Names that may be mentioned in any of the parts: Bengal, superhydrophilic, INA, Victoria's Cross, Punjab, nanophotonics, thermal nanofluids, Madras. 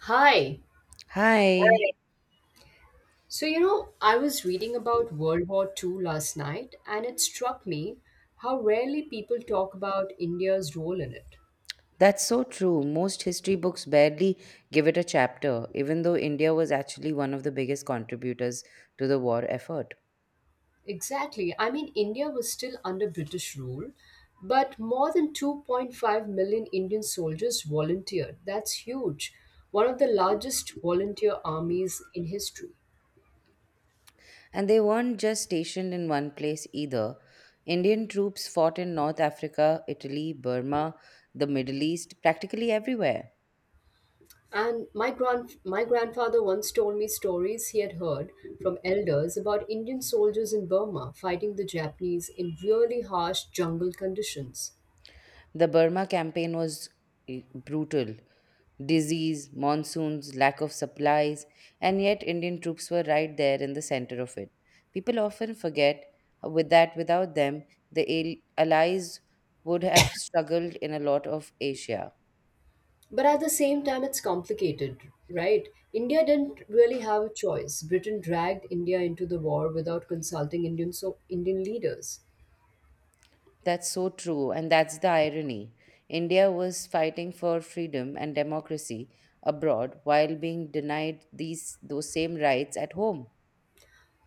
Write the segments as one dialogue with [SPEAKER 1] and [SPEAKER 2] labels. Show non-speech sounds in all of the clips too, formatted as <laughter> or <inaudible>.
[SPEAKER 1] Hi.
[SPEAKER 2] Hi,
[SPEAKER 1] Hi. So, you know, I was reading about World War Two last night, and it struck me how rarely people talk about India's role in it.
[SPEAKER 2] that's so true. Most history books barely give it a chapter, even though India was actually one of the biggest contributors to the war effort.
[SPEAKER 1] Exactly. I mean, India was still under British rule, but more than 2.5 million Indian soldiers volunteered. That's huge. One of the largest volunteer armies in history.
[SPEAKER 2] And they weren't just stationed in one place either. Indian troops fought in North Africa, Italy, Burma, the Middle East, practically everywhere.
[SPEAKER 1] And my grandfather once told me stories he had heard from elders about Indian soldiers in Burma fighting the Japanese in really harsh jungle conditions.
[SPEAKER 2] The Burma campaign was brutal. Disease, monsoons, lack of supplies, and yet Indian troops were right there in the center of it. People often forget with that without them, the Allies would have struggled in a lot of Asia.
[SPEAKER 1] But at the same time it's complicated, right? India didn't really have a choice. Britain dragged India into the war without consulting Indian leaders.
[SPEAKER 2] That's so true, and that's the irony. India was fighting for freedom and democracy abroad while being denied these those same rights at home.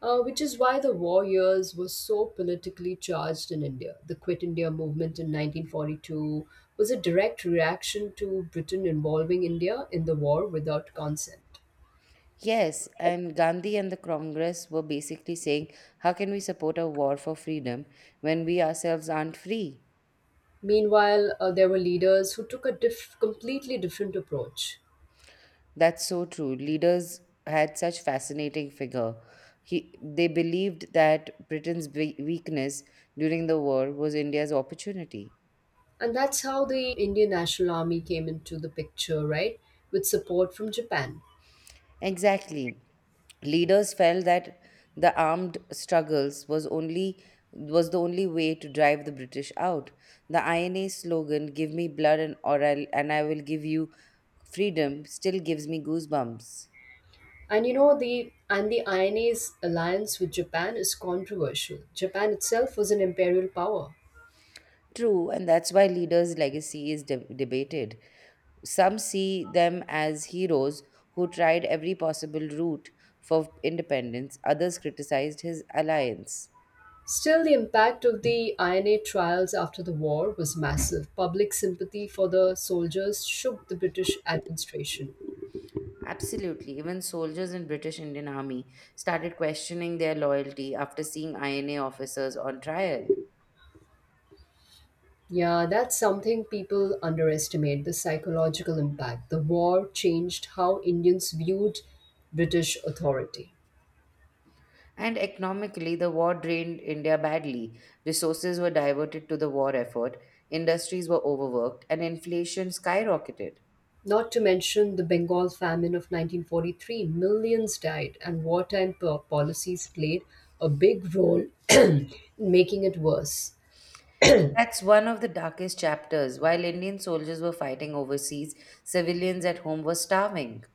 [SPEAKER 1] Which is why the war years were so politically charged in India. The Quit India movement in 1942 was a direct reaction to Britain involving India in the war without consent.
[SPEAKER 2] Yes, and Gandhi and the Congress were basically saying, how can we support a war for freedom when we ourselves aren't free?
[SPEAKER 1] Meanwhile, there were leaders who took a completely different approach.
[SPEAKER 2] That's so true. Leaders had such fascinating figure. They believed that Britain's weakness during the war was India's opportunity.
[SPEAKER 1] And that's how the Indian National Army came into the picture, right? With support from Japan.
[SPEAKER 2] Exactly. Leaders felt that the armed struggles was only was the only way to drive the British out. The INA slogan, "Give me blood and I will give you." freedom still gives me goosebumps.
[SPEAKER 1] And you know the INA's alliance with Japan is controversial. Japan itself was an imperial power.
[SPEAKER 2] True, and that's why leaders' legacy is debated. Some see them as heroes who tried every possible route for independence, others criticized his alliance.
[SPEAKER 1] Still, the impact of the INA trials after the war was massive. Public sympathy for the soldiers shook the British administration.
[SPEAKER 2] Absolutely, even soldiers in British Indian Army started questioning their loyalty after seeing INA officers on trial.
[SPEAKER 1] Yeah, that's something people underestimate the psychological impact. The war changed how Indians viewed British authority.
[SPEAKER 2] And economically, the war drained India badly. Resources were diverted to the war effort, industries were overworked, and inflation skyrocketed.
[SPEAKER 1] Not to mention the Bengal famine of 1943, millions died, and wartime policies played a big role <clears throat> in making it worse.
[SPEAKER 2] That's one of the darkest chapters. While Indian soldiers were fighting overseas, civilians at home were starving.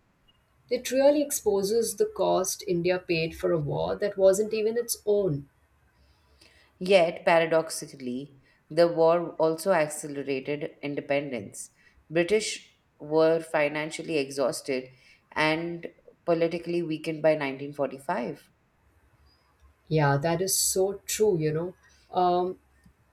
[SPEAKER 1] It really exposes the cost India paid for a war that wasn't even its own.
[SPEAKER 2] Yet, paradoxically, the war also accelerated independence. British were financially exhausted and politically weakened by 1945.
[SPEAKER 1] Yeah, that is so true, you know. Um,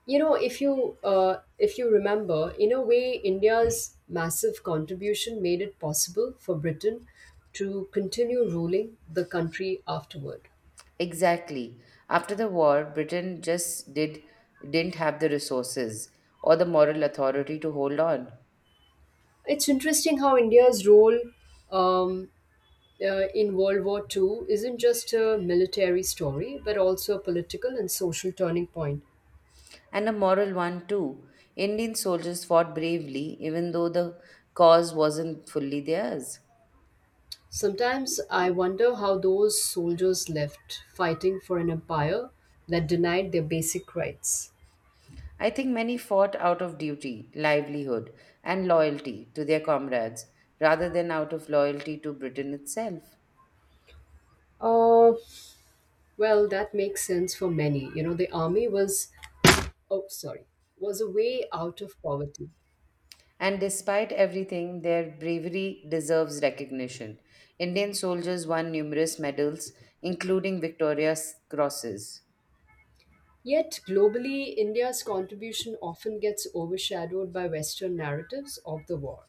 [SPEAKER 1] you know, if you remember, in a way, India's massive contribution made it possible for Britain to continue ruling the country afterward.
[SPEAKER 2] Exactly. After the war, Britain just didn't have the resources or the moral authority to hold on.
[SPEAKER 1] It's interesting how India's role um, in World War II isn't just a military story, but also a political and social turning point.
[SPEAKER 2] And a moral one too. Indian soldiers fought bravely even though the cause wasn't fully theirs.
[SPEAKER 1] Sometimes I wonder how those soldiers left fighting for an empire that denied their basic rights.
[SPEAKER 2] I think many fought out of duty, livelihood, and loyalty to their comrades rather than out of loyalty to Britain itself.
[SPEAKER 1] Oh well, that makes sense for many. You know, the army was, oh, sorry, was a way out of poverty.
[SPEAKER 2] And despite everything, their bravery deserves recognition. Indian soldiers won numerous medals, including Victoria's Crosses.
[SPEAKER 1] Yet, globally, India's contribution often gets overshadowed by Western narratives of the war.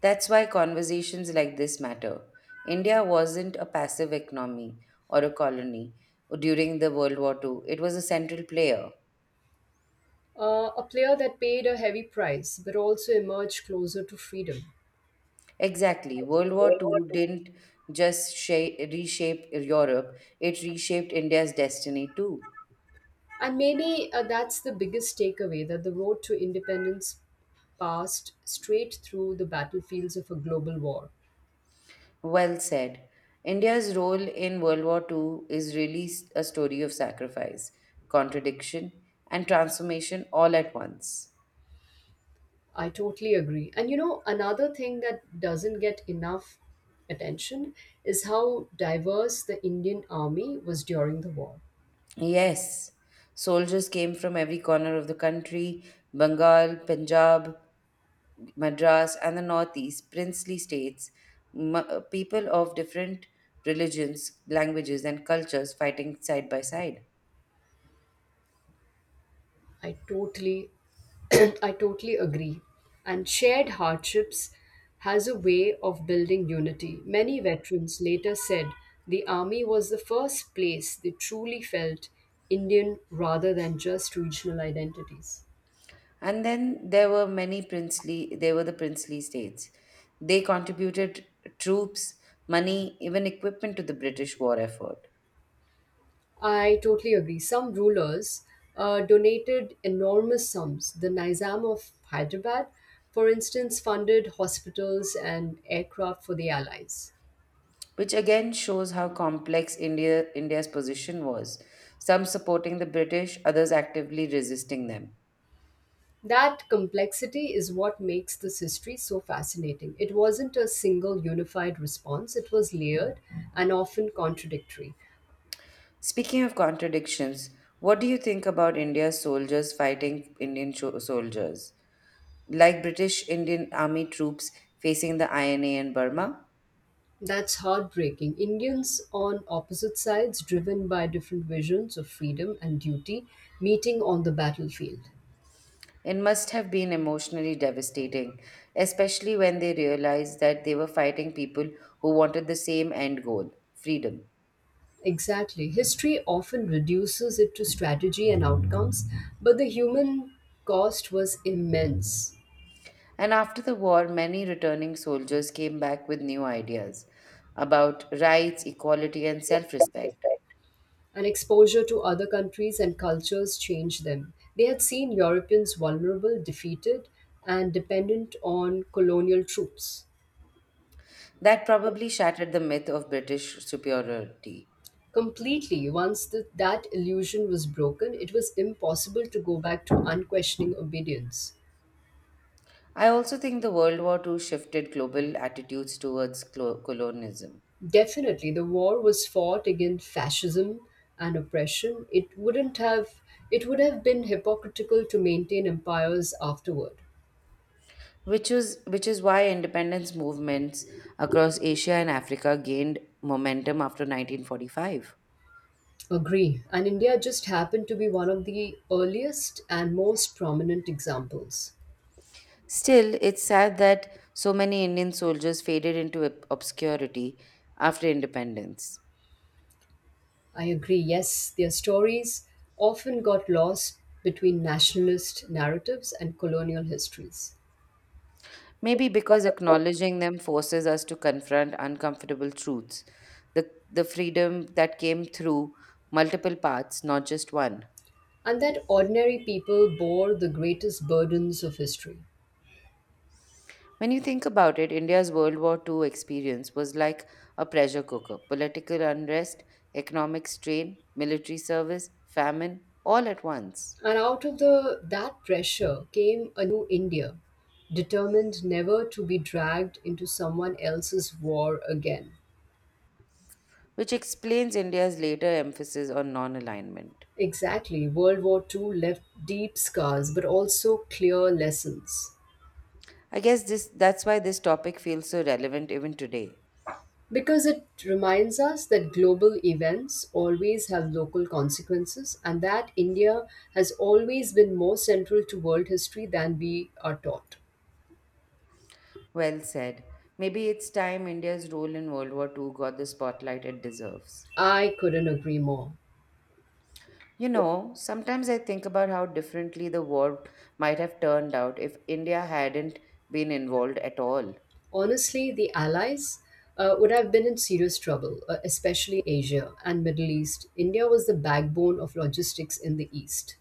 [SPEAKER 2] That's why conversations like this matter. India wasn't a passive economy or a colony during the World War II, it was a central player.
[SPEAKER 1] A player that paid a heavy price but also emerged closer to freedom.
[SPEAKER 2] Exactly. World War II didn't just reshape Europe, it reshaped India's destiny too.
[SPEAKER 1] And maybe that's the biggest takeaway that the road to independence passed straight through the battlefields of a global war.
[SPEAKER 2] Well said. India's role in World War Two is really a story of sacrifice, contradiction, and transformation all at once.
[SPEAKER 1] I totally agree. And you know, another thing that doesn't get enough attention is how diverse the Indian army was during the war.
[SPEAKER 2] Yes, soldiers came from every corner of the country Bengal, Punjab, Madras, and the Northeast, princely states, people of different religions, languages, and cultures fighting side by side.
[SPEAKER 1] I totally <coughs> <clears throat> I totally agree. And shared hardships has a way of building unity. Many veterans later said the army was the first place they truly felt Indian rather than just regional identities.
[SPEAKER 2] And then there were many princely states. They contributed troops, money, even equipment to the British war effort,
[SPEAKER 1] I totally agree. Some rulers donated enormous sums. The Nizam of Hyderabad, for instance, funded hospitals and aircraft for the Allies.
[SPEAKER 2] which again shows how complex India's position was, some supporting the British, others actively resisting them.
[SPEAKER 1] That complexity is what makes this history so fascinating. It wasn't a single unified response, it was layered and often contradictory.
[SPEAKER 2] Speaking of contradictions, what do you think about India's soldiers fighting Indian soldiers, like British Indian Army troops facing the INA in Burma?
[SPEAKER 1] That's heartbreaking. Indians on opposite sides, driven by different visions of freedom and duty, meeting on the battlefield.
[SPEAKER 2] It must have been emotionally devastating, especially when they realized that they were fighting people who wanted the same end goal freedom.
[SPEAKER 1] Exactly. History often reduces it to strategy and outcomes, but the human cost was immense.
[SPEAKER 2] And after the war, many returning soldiers came back with new ideas about rights, equality, and self respect.
[SPEAKER 1] And exposure to other countries and cultures changed them. They had seen Europeans vulnerable, defeated, and dependent on colonial troops.
[SPEAKER 2] That probably shattered the myth of British superiority.
[SPEAKER 1] Completely, once that illusion was broken, it was impossible to go back to unquestioning obedience.
[SPEAKER 2] I also think the World War Two shifted global attitudes towards colonialism.
[SPEAKER 1] Definitely, the war was fought against fascism and oppression. It wouldn't have It would have been hypocritical to maintain empires afterward.
[SPEAKER 2] Which is why independence movements across Asia and Africa gained momentum after 1945.
[SPEAKER 1] Agree. And India just happened to be one of the earliest and most prominent examples.
[SPEAKER 2] Still, it's sad that so many Indian soldiers faded into obscurity after independence.
[SPEAKER 1] I agree. Yes, their stories often got lost between nationalist narratives and colonial histories.
[SPEAKER 2] Maybe because acknowledging them forces us to confront uncomfortable truths, the freedom that came through multiple paths, not just one.
[SPEAKER 1] And that ordinary people bore the greatest burdens of history.
[SPEAKER 2] When you think about it, India's World War II experience was like a pressure cooker political unrest, economic strain, military service, famine, all at once,
[SPEAKER 1] And out of the that pressure came a new India, determined never to be dragged into someone else's war again.
[SPEAKER 2] which explains India's later emphasis on non alignment.
[SPEAKER 1] Exactly. World War Two left deep scars but also clear lessons.
[SPEAKER 2] That's why this topic feels so relevant even today.
[SPEAKER 1] Because it reminds us that global events always have local consequences and that India has always been more central to world history than we are taught.
[SPEAKER 2] Well said. Maybe it's time India's role in World War II got the spotlight it deserves.
[SPEAKER 1] I couldn't agree more.
[SPEAKER 2] You know, sometimes I think about how differently the war might have turned out if India hadn't been involved at all.
[SPEAKER 1] Honestly, the Allies would have been in serious trouble, especially Asia and Middle East. India was the backbone of logistics in the East.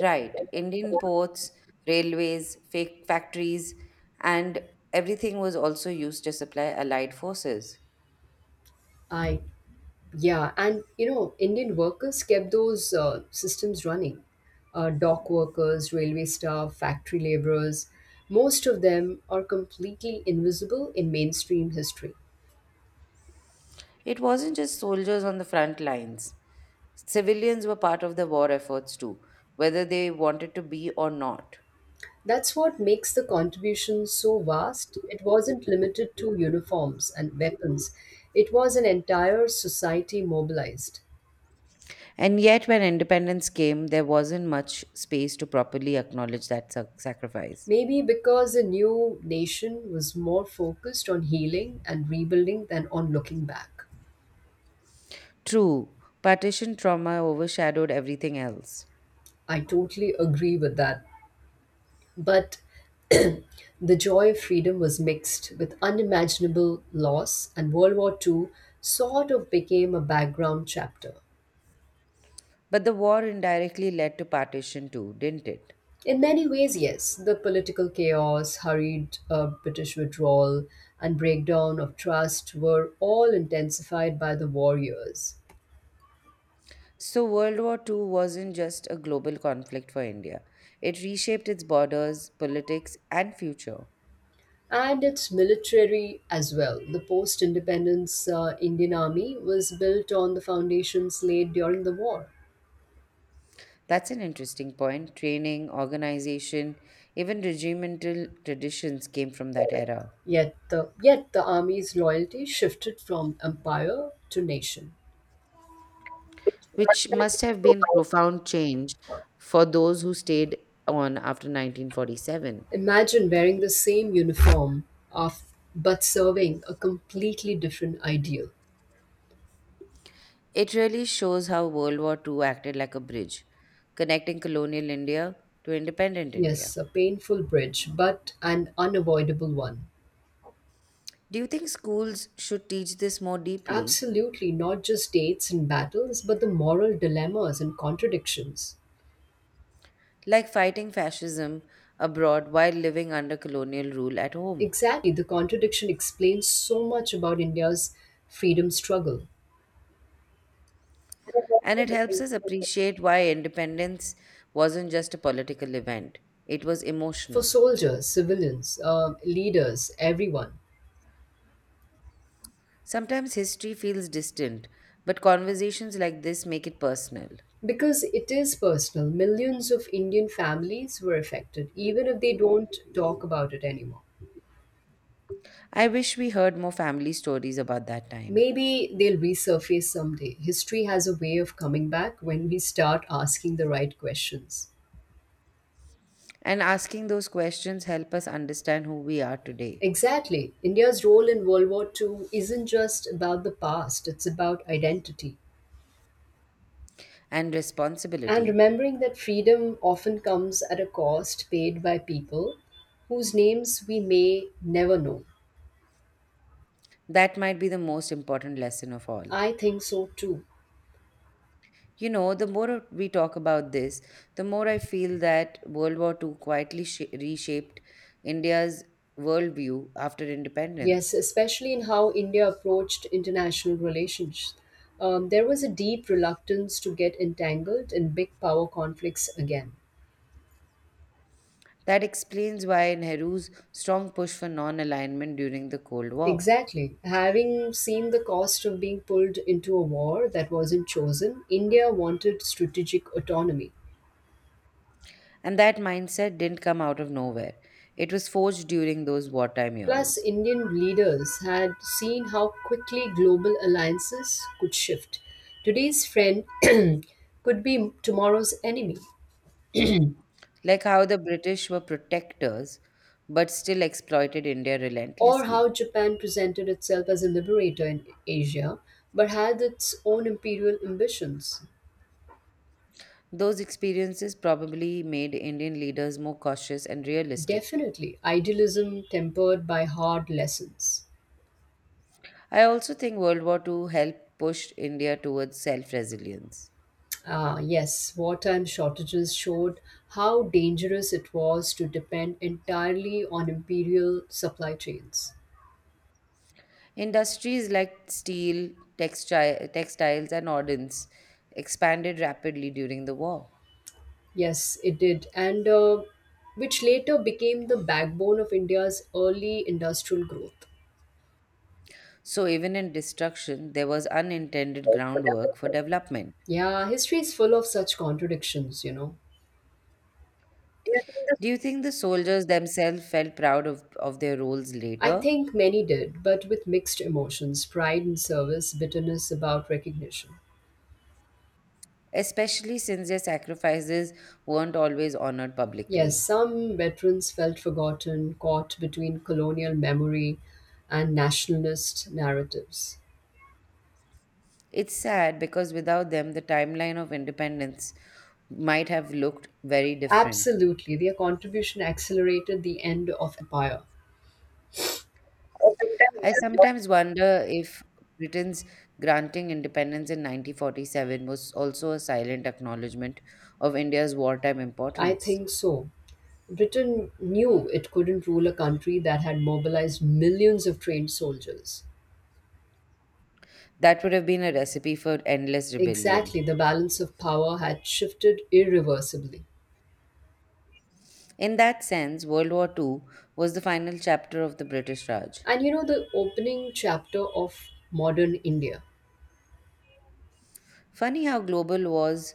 [SPEAKER 2] Right, Indian ports, railways, fake factories, and everything was also used to supply allied forces.
[SPEAKER 1] I Yeah, and you know, Indian workers kept those systems running. Dock workers, railway staff, factory laborers, most of them are completely invisible in mainstream history.
[SPEAKER 2] It wasn't just soldiers on the front lines. Civilians were part of the war efforts too, whether they wanted to be or not.
[SPEAKER 1] That's what makes the contribution so vast. It wasn't limited to uniforms and weapons, it was an entire society mobilized.
[SPEAKER 2] And yet, when independence came, there wasn't much space to properly acknowledge that sacrifice.
[SPEAKER 1] Maybe because the new nation was more focused on healing and rebuilding than on looking back.
[SPEAKER 2] True, partition trauma overshadowed everything else.
[SPEAKER 1] I totally agree with that. But the joy of freedom was mixed with unimaginable loss, and World War Two sort of became a background chapter.
[SPEAKER 2] But the war indirectly led to partition too, didn't it?
[SPEAKER 1] In many ways, yes, the political chaos, hurried British withdrawal, and breakdown of trust were all intensified by the war years.
[SPEAKER 2] So, World War II wasn't just a global conflict for India, it reshaped its borders, politics, and future.
[SPEAKER 1] And its military as well. The post independence Indian Army was built on the foundations laid during the war.
[SPEAKER 2] That's an interesting point. Training, organization, even regimental traditions came from that era,
[SPEAKER 1] Yet the army's loyalty shifted from empire to nation.
[SPEAKER 2] which must have been profound change for those who stayed on after 1947.
[SPEAKER 1] Imagine wearing the same uniform of but serving a completely different ideal.
[SPEAKER 2] It really shows how World War II acted like a bridge, connecting colonial India to independent
[SPEAKER 1] Yes,
[SPEAKER 2] India.
[SPEAKER 1] a painful bridge, but an unavoidable one.
[SPEAKER 2] Do you think schools should teach this more deeply,
[SPEAKER 1] Absolutely, not just dates and battles, but the moral dilemmas and contradictions.
[SPEAKER 2] like fighting fascism abroad while living under colonial rule at home?
[SPEAKER 1] Exactly, the contradiction explains so much about India's freedom struggle.
[SPEAKER 2] And it helps us appreciate why independence wasn't just a political event, it was
[SPEAKER 1] For
[SPEAKER 2] emotional.
[SPEAKER 1] soldiers, civilians, leaders, everyone.
[SPEAKER 2] Sometimes history feels distant, but conversations like this make it personal.
[SPEAKER 1] Because it is personal, millions of Indian families were affected, even if they don't talk about it anymore.
[SPEAKER 2] I wish we heard more family stories about that time.
[SPEAKER 1] Maybe they'll resurface someday. History has a way of coming back when we start asking the right questions.
[SPEAKER 2] And asking those questions help us understand who we are today
[SPEAKER 1] Exactly. India's role in World War 2 isn't just about the past, it's about identity.
[SPEAKER 2] and
[SPEAKER 1] And
[SPEAKER 2] responsibility.
[SPEAKER 1] remembering that freedom often comes at a cost paid by people whose names we may never know.
[SPEAKER 2] That might be the most important lesson of all.
[SPEAKER 1] I think so too.
[SPEAKER 2] You know, the more we talk about this, the more I feel that World War II quietly reshaped India's worldview after
[SPEAKER 1] Yes,
[SPEAKER 2] independence.
[SPEAKER 1] especially in how India approached international relations. There was a deep reluctance to get entangled in big power conflicts again.
[SPEAKER 2] That explains why Nehru's strong push for non alignment during the Cold War.
[SPEAKER 1] Exactly. Having seen the cost of being pulled into a war that wasn't chosen, India wanted strategic autonomy.
[SPEAKER 2] And that mindset didn't come out of nowhere, it was forged during those wartime
[SPEAKER 1] Plus,
[SPEAKER 2] years.
[SPEAKER 1] Indian leaders had seen how quickly global alliances could shift. Today's friend <clears throat> could be tomorrow's enemy,
[SPEAKER 2] Like how the British were protectors but still exploited India
[SPEAKER 1] or
[SPEAKER 2] relentlessly.
[SPEAKER 1] how Japan presented itself as a liberator in Asia but had its own imperial ambitions.
[SPEAKER 2] Those experiences probably made Indian leaders more cautious and realistic.
[SPEAKER 1] Definitely, idealism tempered by hard lessons.
[SPEAKER 2] I also think World War II helped push India towards self resilience.
[SPEAKER 1] Ah, yes, wartime shortages showed how dangerous it was to depend entirely on imperial supply chains.
[SPEAKER 2] Industries like steel, textiles, and ordnance expanded rapidly during the war.
[SPEAKER 1] Yes, it did, and which later became the backbone of India's early industrial growth.
[SPEAKER 2] So, even in destruction, there was unintended groundwork for development.
[SPEAKER 1] Yeah, history is full of such contradictions, you know.
[SPEAKER 2] Do you think the soldiers themselves felt proud of their roles
[SPEAKER 1] I
[SPEAKER 2] later?
[SPEAKER 1] think many did, but with mixed emotions pride in service, bitterness about recognition.
[SPEAKER 2] Especially since their sacrifices weren't always honored
[SPEAKER 1] Yes,
[SPEAKER 2] publicly.
[SPEAKER 1] some veterans felt forgotten, caught between colonial memory and nationalist narratives.
[SPEAKER 2] It's sad because without them, the timeline of independence might have looked very different.
[SPEAKER 1] Absolutely, their contribution accelerated the end of empire.
[SPEAKER 2] I sometimes wonder if Britain's granting independence in 1947 was also a silent acknowledgement of India's wartime
[SPEAKER 1] I
[SPEAKER 2] importance.
[SPEAKER 1] think so. Britain knew it couldn't rule a country that had mobilized millions of trained soldiers.
[SPEAKER 2] That would have been a recipe for endless rebellion.
[SPEAKER 1] Exactly, the balance of power had shifted irreversibly.
[SPEAKER 2] In that sense, World War II was the final chapter of the British Raj.
[SPEAKER 1] And you know, the opening chapter of modern India.
[SPEAKER 2] Funny how global wars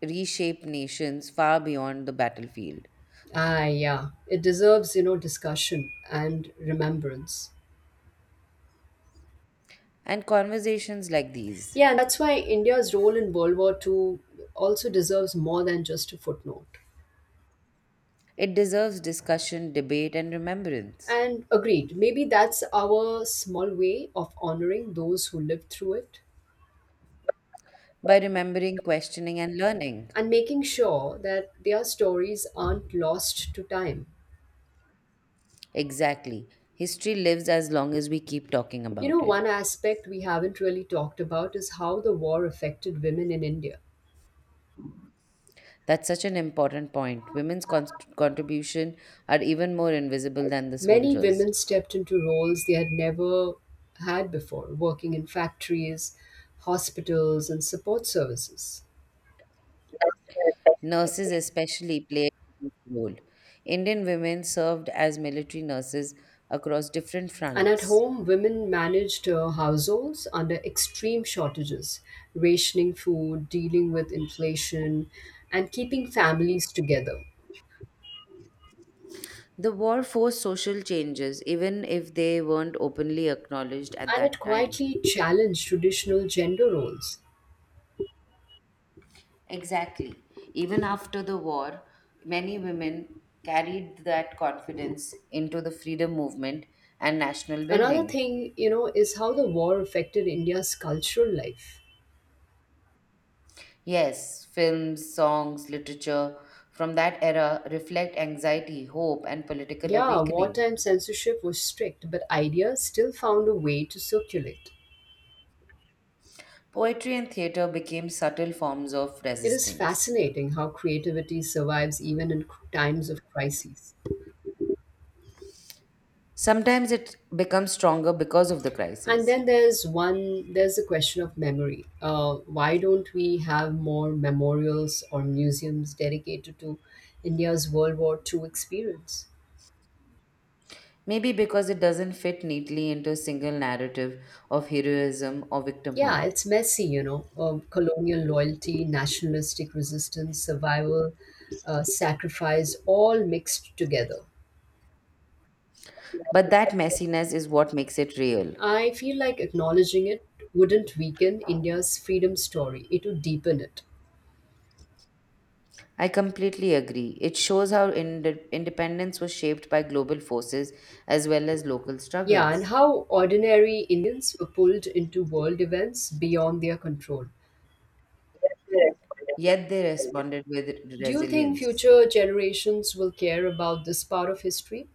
[SPEAKER 2] reshape nations far beyond the battlefield.
[SPEAKER 1] Ah, yeah, it deserves, you know, discussion and remembrance.
[SPEAKER 2] And conversations like these.
[SPEAKER 1] Yeah, and that's why India's role in World War II also deserves more than just a footnote.
[SPEAKER 2] It deserves discussion, debate, and remembrance.
[SPEAKER 1] And agreed, maybe that's our small way of honoring those who lived through it.
[SPEAKER 2] By remembering, questioning, and learning.
[SPEAKER 1] And making sure that their stories aren't lost to time.
[SPEAKER 2] Exactly. History lives as long as we keep talking
[SPEAKER 1] You know,
[SPEAKER 2] about it.
[SPEAKER 1] one aspect we haven't really talked about is how the war affected women in India.
[SPEAKER 2] That's such an important point. Women's contribution are even more invisible than the
[SPEAKER 1] Many
[SPEAKER 2] soldiers.
[SPEAKER 1] women stepped into roles they had never had before, working in factories, hospitals, and support services.
[SPEAKER 2] Nurses especially played a huge role. Indian women served as military nurses across different
[SPEAKER 1] And at
[SPEAKER 2] fronts.
[SPEAKER 1] home, women managed households under extreme shortages, rationing food, dealing with inflation, and keeping families together.
[SPEAKER 2] The war forced social changes, even if they weren't openly acknowledged at
[SPEAKER 1] And it
[SPEAKER 2] that time.
[SPEAKER 1] quietly challenged traditional gender roles.
[SPEAKER 2] Exactly. Even after the war, many women carried that confidence into the freedom movement and national
[SPEAKER 1] Another
[SPEAKER 2] building.
[SPEAKER 1] thing, you know, is how the war affected India's cultural life.
[SPEAKER 2] Yes, films, songs, literature from that era reflect anxiety, hope, and political
[SPEAKER 1] Yeah,
[SPEAKER 2] awakening.
[SPEAKER 1] wartime censorship was strict, but ideas still found a way to circulate.
[SPEAKER 2] Poetry and theater became subtle forms of
[SPEAKER 1] It is
[SPEAKER 2] resistance.
[SPEAKER 1] fascinating how creativity survives even in times of crises.
[SPEAKER 2] Sometimes it becomes stronger because of the
[SPEAKER 1] And
[SPEAKER 2] crisis.
[SPEAKER 1] then there's the question of memory. Why don't we have more memorials or museums dedicated to India's World War II experience?
[SPEAKER 2] Maybe because it doesn't fit neatly into a single narrative of heroism or
[SPEAKER 1] Yeah,
[SPEAKER 2] victimhood.
[SPEAKER 1] it's messy, you know. Colonial loyalty, nationalistic resistance, survival, sacrifice, all mixed together.
[SPEAKER 2] But that messiness is what makes it real.
[SPEAKER 1] I feel like acknowledging it wouldn't weaken India's freedom story, it would deepen it.
[SPEAKER 2] I completely agree. It shows how independence was shaped by global forces as well as local
[SPEAKER 1] Yeah, and
[SPEAKER 2] struggles.
[SPEAKER 1] how ordinary Indians were pulled into world events beyond their control.
[SPEAKER 2] Yet they responded with
[SPEAKER 1] Do you think
[SPEAKER 2] resilience.
[SPEAKER 1] future generations will care about this part of history?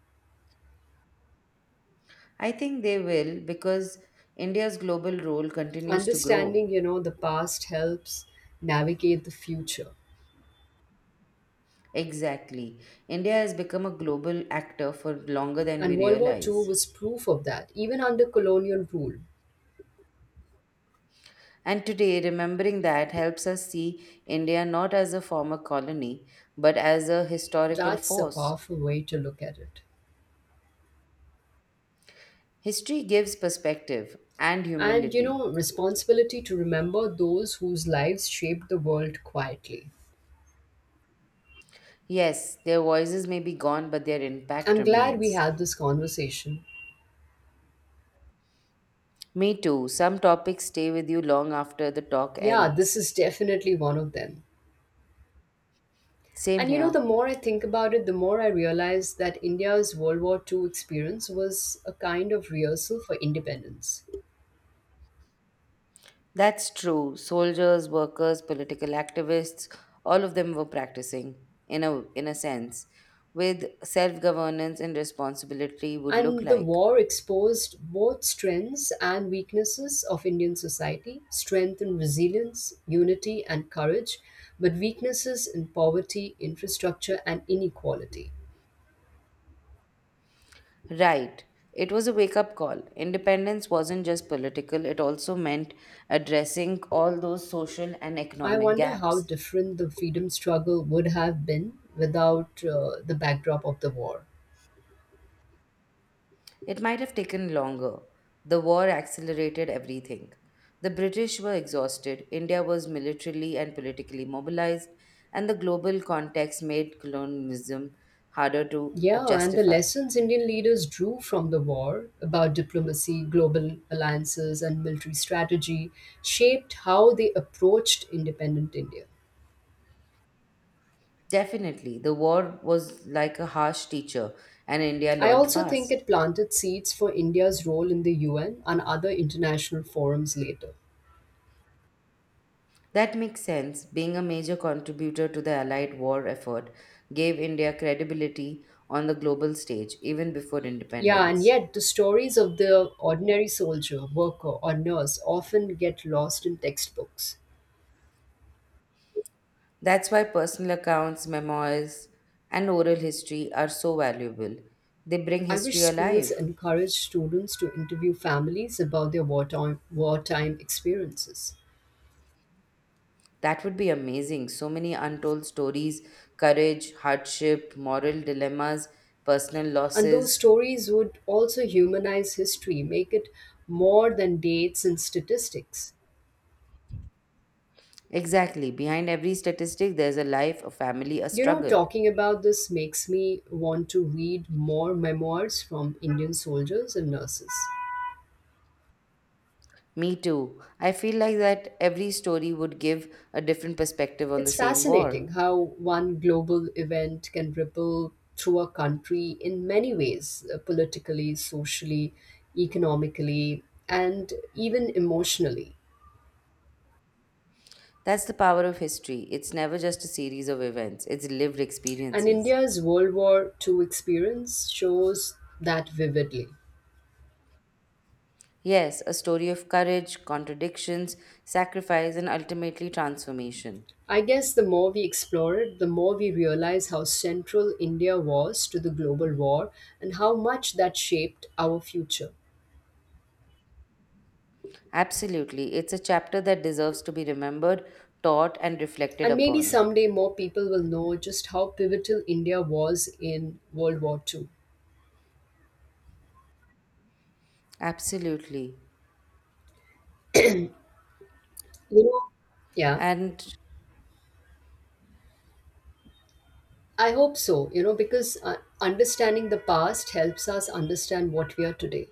[SPEAKER 2] I think they will because India's global role continues to
[SPEAKER 1] Understanding,
[SPEAKER 2] grow.
[SPEAKER 1] you know, the past helps navigate the future.
[SPEAKER 2] Exactly. India has become a global actor for longer than we
[SPEAKER 1] And World War Two
[SPEAKER 2] realize.
[SPEAKER 1] was proof of that, even under colonial rule.
[SPEAKER 2] And today, remembering that helps us see India not as a former colony, but as a historical
[SPEAKER 1] That's a
[SPEAKER 2] force.
[SPEAKER 1] powerful way to look at it.
[SPEAKER 2] History gives perspective and
[SPEAKER 1] And you
[SPEAKER 2] humility.
[SPEAKER 1] know, responsibility to remember those whose lives shaped the world quietly.
[SPEAKER 2] Yes, their voices may be gone, but their impact
[SPEAKER 1] I'm glad we
[SPEAKER 2] remains.
[SPEAKER 1] had this conversation.
[SPEAKER 2] Me too. Some topics stay with you long after the talk
[SPEAKER 1] Yeah, this
[SPEAKER 2] ends.
[SPEAKER 1] is definitely one of them.
[SPEAKER 2] Same
[SPEAKER 1] And you know,
[SPEAKER 2] here.
[SPEAKER 1] the more I think about it, the more I realize that India's World War Two experience was a kind of rehearsal for independence.
[SPEAKER 2] That's true. Soldiers, workers, political activists, all of them were practicing, in a sense, with self governance and responsibility would look
[SPEAKER 1] And the
[SPEAKER 2] like.
[SPEAKER 1] war exposed both strengths and weaknesses of Indian society, strength in resilience, unity, and courage, but weaknesses in poverty, infrastructure, and inequality.
[SPEAKER 2] Right. It was a wake up call. Independence wasn't just political, it also meant addressing all those social and
[SPEAKER 1] I
[SPEAKER 2] economic
[SPEAKER 1] wonder how
[SPEAKER 2] gaps.
[SPEAKER 1] different the freedom struggle would have been without the backdrop of the war.
[SPEAKER 2] It might have taken longer. The war accelerated everything. The British were exhausted, India was militarily and politically mobilized, and the global context made colonialism harder to
[SPEAKER 1] Yeah, and the
[SPEAKER 2] justify.
[SPEAKER 1] lessons Indian leaders drew from the war about diplomacy, global alliances, and military strategy shaped how they approached independent India.
[SPEAKER 2] Definitely, the war was like a harsh teacher, and India
[SPEAKER 1] I
[SPEAKER 2] learned
[SPEAKER 1] also think it
[SPEAKER 2] fast.
[SPEAKER 1] planted seeds for India's role in the UN and other international forums later.
[SPEAKER 2] That makes sense. Being a major contributor to the Allied war effort gave India credibility on the global stage even before
[SPEAKER 1] Yeah, and
[SPEAKER 2] independence.
[SPEAKER 1] yet the stories of the ordinary soldier, worker, or nurse often get lost in textbooks.
[SPEAKER 2] That's why personal accounts, memoirs, and oral history are so valuable. They bring
[SPEAKER 1] I wish
[SPEAKER 2] history
[SPEAKER 1] schools
[SPEAKER 2] alive.
[SPEAKER 1] encourage students to interview families about their wartime experiences.
[SPEAKER 2] That would be amazing. So many untold stories, courage, hardship, moral dilemmas, personal
[SPEAKER 1] And those
[SPEAKER 2] losses.
[SPEAKER 1] stories would also humanize history, make it more than dates and statistics.
[SPEAKER 2] Exactly. Behind every statistic, there's a life, a family, a
[SPEAKER 1] You know,
[SPEAKER 2] struggle.
[SPEAKER 1] talking about this makes me want to read more memoirs from Indian soldiers and nurses.
[SPEAKER 2] Me too. I feel like that every story would give a different perspective on the
[SPEAKER 1] It's
[SPEAKER 2] same war.
[SPEAKER 1] fascinating how one global event can ripple through a country in many ways, politically, socially, economically, and even emotionally.
[SPEAKER 2] That's the power of history. It's never just a series of events, it's lived
[SPEAKER 1] And
[SPEAKER 2] experiences.
[SPEAKER 1] India's World War Two experience shows that vividly.
[SPEAKER 2] Yes, a story of courage, contradictions, sacrifice, and ultimately transformation.
[SPEAKER 1] I guess the more we explore it, the more we realize how central India was to the global war and how much that shaped our future.
[SPEAKER 2] Absolutely. It's a chapter that deserves to be remembered, taught, and reflected
[SPEAKER 1] And maybe
[SPEAKER 2] upon.
[SPEAKER 1] someday more people will know just how pivotal India was in World War Two.
[SPEAKER 2] Absolutely.
[SPEAKER 1] You know, yeah,
[SPEAKER 2] And
[SPEAKER 1] I hope so, you know, because understanding the past helps us understand what we are today.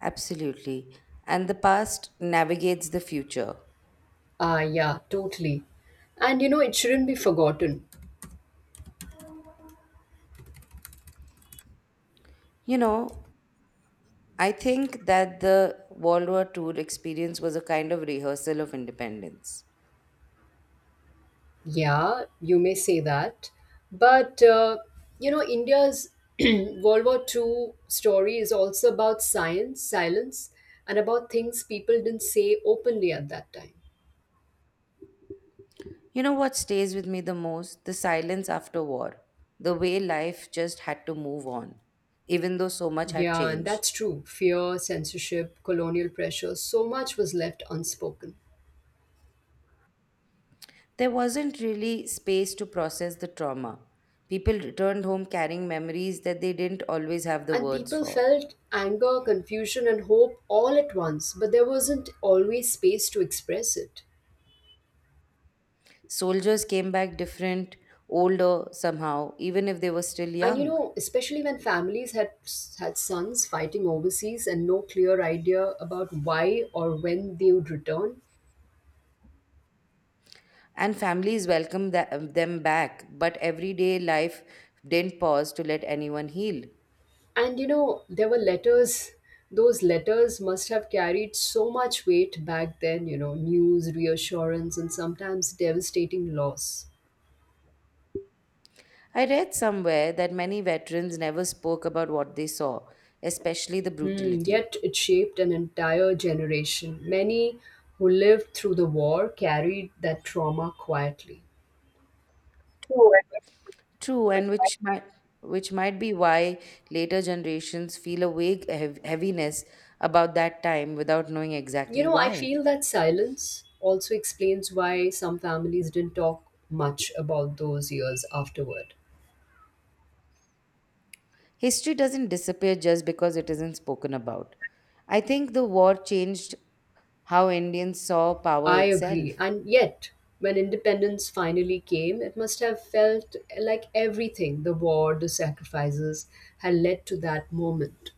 [SPEAKER 2] absolutely. And the past navigates the future.
[SPEAKER 1] Ah, yeah, totally. And you know, it shouldn't be forgotten.
[SPEAKER 2] You know, I think that the World War Two experience was a kind of rehearsal of independence.
[SPEAKER 1] Yeah, you may say that. But you know, India's <clears throat> World War Two story is also about science, silence, and about things people didn't say openly at that time.
[SPEAKER 2] You know what stays with me the most? The silence after war. The way life just had to move on, even though so much had
[SPEAKER 1] Yeah, and
[SPEAKER 2] changed.
[SPEAKER 1] that's true. Fear, censorship, colonial pressure, so much was left unspoken.
[SPEAKER 2] There wasn't really space to process the trauma. People returned home carrying memories that they didn't always have the
[SPEAKER 1] And
[SPEAKER 2] words
[SPEAKER 1] people
[SPEAKER 2] for.
[SPEAKER 1] felt anger, confusion, and hope all at once, but there wasn't always space to express it.
[SPEAKER 2] Soldiers came back different, older somehow, even if they were still
[SPEAKER 1] And you
[SPEAKER 2] young.
[SPEAKER 1] know, especially when families had sons fighting overseas and no clear idea about why or when they would return.
[SPEAKER 2] And families welcomed them back, but everyday life didn't pause to let anyone heal.
[SPEAKER 1] And you know, there were letters. Those letters must have carried so much weight back then, you know, news, reassurance, and sometimes devastating loss.
[SPEAKER 2] I read somewhere that many veterans never spoke about what they saw, especially the
[SPEAKER 1] Hmm,
[SPEAKER 2] brutality.
[SPEAKER 1] yet it shaped an entire generation. Many who lived through the war carried that trauma quietly.
[SPEAKER 2] True, which might be why later generations feel a vague heaviness about that time without knowing
[SPEAKER 1] You
[SPEAKER 2] exactly
[SPEAKER 1] know, I
[SPEAKER 2] why.
[SPEAKER 1] feel that silence also explains why some families didn't talk much about those years afterward.
[SPEAKER 2] History doesn't disappear just because it isn't spoken about. I think the war changed how Indians saw power
[SPEAKER 1] I agree.
[SPEAKER 2] itself.
[SPEAKER 1] And yet, when independence finally came, it must have felt like everything, the war, the sacrifices, had led to that moment.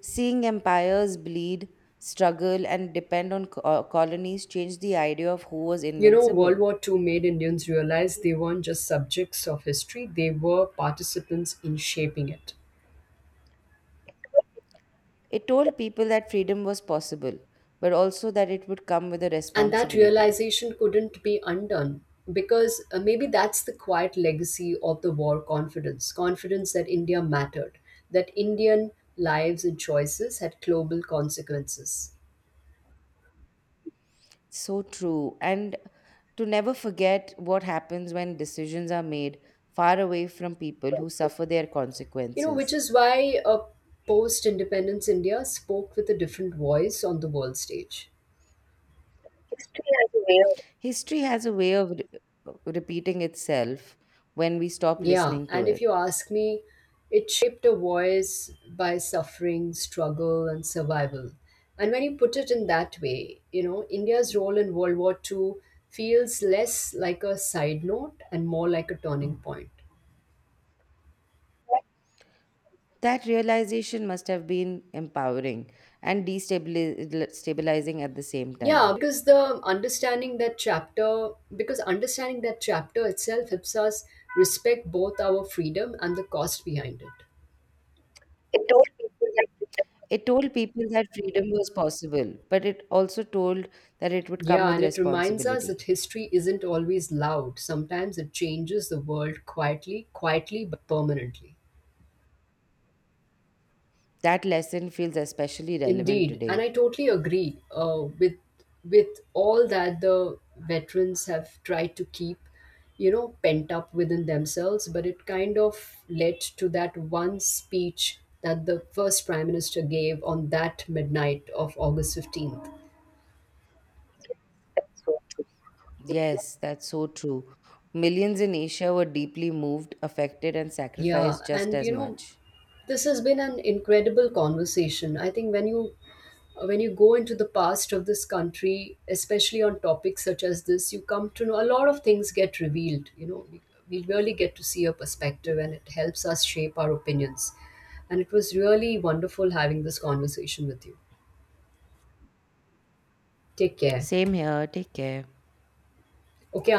[SPEAKER 2] Seeing empires bleed, struggle, and depend on colonies changed the idea of who was
[SPEAKER 1] You know, World
[SPEAKER 2] invincible.
[SPEAKER 1] War Two made Indians realize they weren't just subjects of history, they were participants in shaping it.
[SPEAKER 2] It told people that freedom was possible, but also that it would come with a
[SPEAKER 1] And that
[SPEAKER 2] responsibility.
[SPEAKER 1] realization couldn't be undone, because maybe that's the quiet legacy of the war, confidence that India mattered, that Indian lives and choices had global consequences.
[SPEAKER 2] So true. And to never forget what happens when decisions are made far away from people who suffer their
[SPEAKER 1] You know, which
[SPEAKER 2] consequences.
[SPEAKER 1] is why a post independence india spoke with a different voice on the world stage.
[SPEAKER 2] History has a way of repeating itself when we stop
[SPEAKER 1] Yeah,
[SPEAKER 2] listening to
[SPEAKER 1] and if you
[SPEAKER 2] it.
[SPEAKER 1] ask me, it shaped a voice by suffering, struggle, and survival. And when you put it in that way, you know, India's role in World War Two feels less like a side note and more like a turning point.
[SPEAKER 2] That realization must have been empowering and destabilizing at the same
[SPEAKER 1] Yeah,
[SPEAKER 2] time.
[SPEAKER 1] because understanding that chapter itself helps us respect both our freedom and the cost behind it.
[SPEAKER 2] It told people that freedom was possible, but it also told that it would come
[SPEAKER 1] Yeah,
[SPEAKER 2] with
[SPEAKER 1] and it reminds us that
[SPEAKER 2] responsibility.
[SPEAKER 1] history isn't always loud. Sometimes it changes the world quietly, quietly but permanently.
[SPEAKER 2] That lesson feels especially relevant
[SPEAKER 1] Indeed, and
[SPEAKER 2] today.
[SPEAKER 1] I totally agree, with all that the veterans have tried to keep, you know, pent up within themselves. But it kind of led to that one speech that the first prime minister gave on that midnight of August 15th.
[SPEAKER 2] Yes, that's so true. Millions in Asia were deeply moved, affected, and
[SPEAKER 1] Yeah,
[SPEAKER 2] sacrificed just
[SPEAKER 1] and
[SPEAKER 2] as
[SPEAKER 1] you know,
[SPEAKER 2] much.
[SPEAKER 1] this has been an incredible conversation. I think when you go into the past of this country, especially on topics such as this, you come to know a lot of things get revealed. We really get to see a perspective, and it helps us shape our opinions. And it was really wonderful having this conversation with you. Take care.
[SPEAKER 2] Same here. Take care.
[SPEAKER 1] Okay,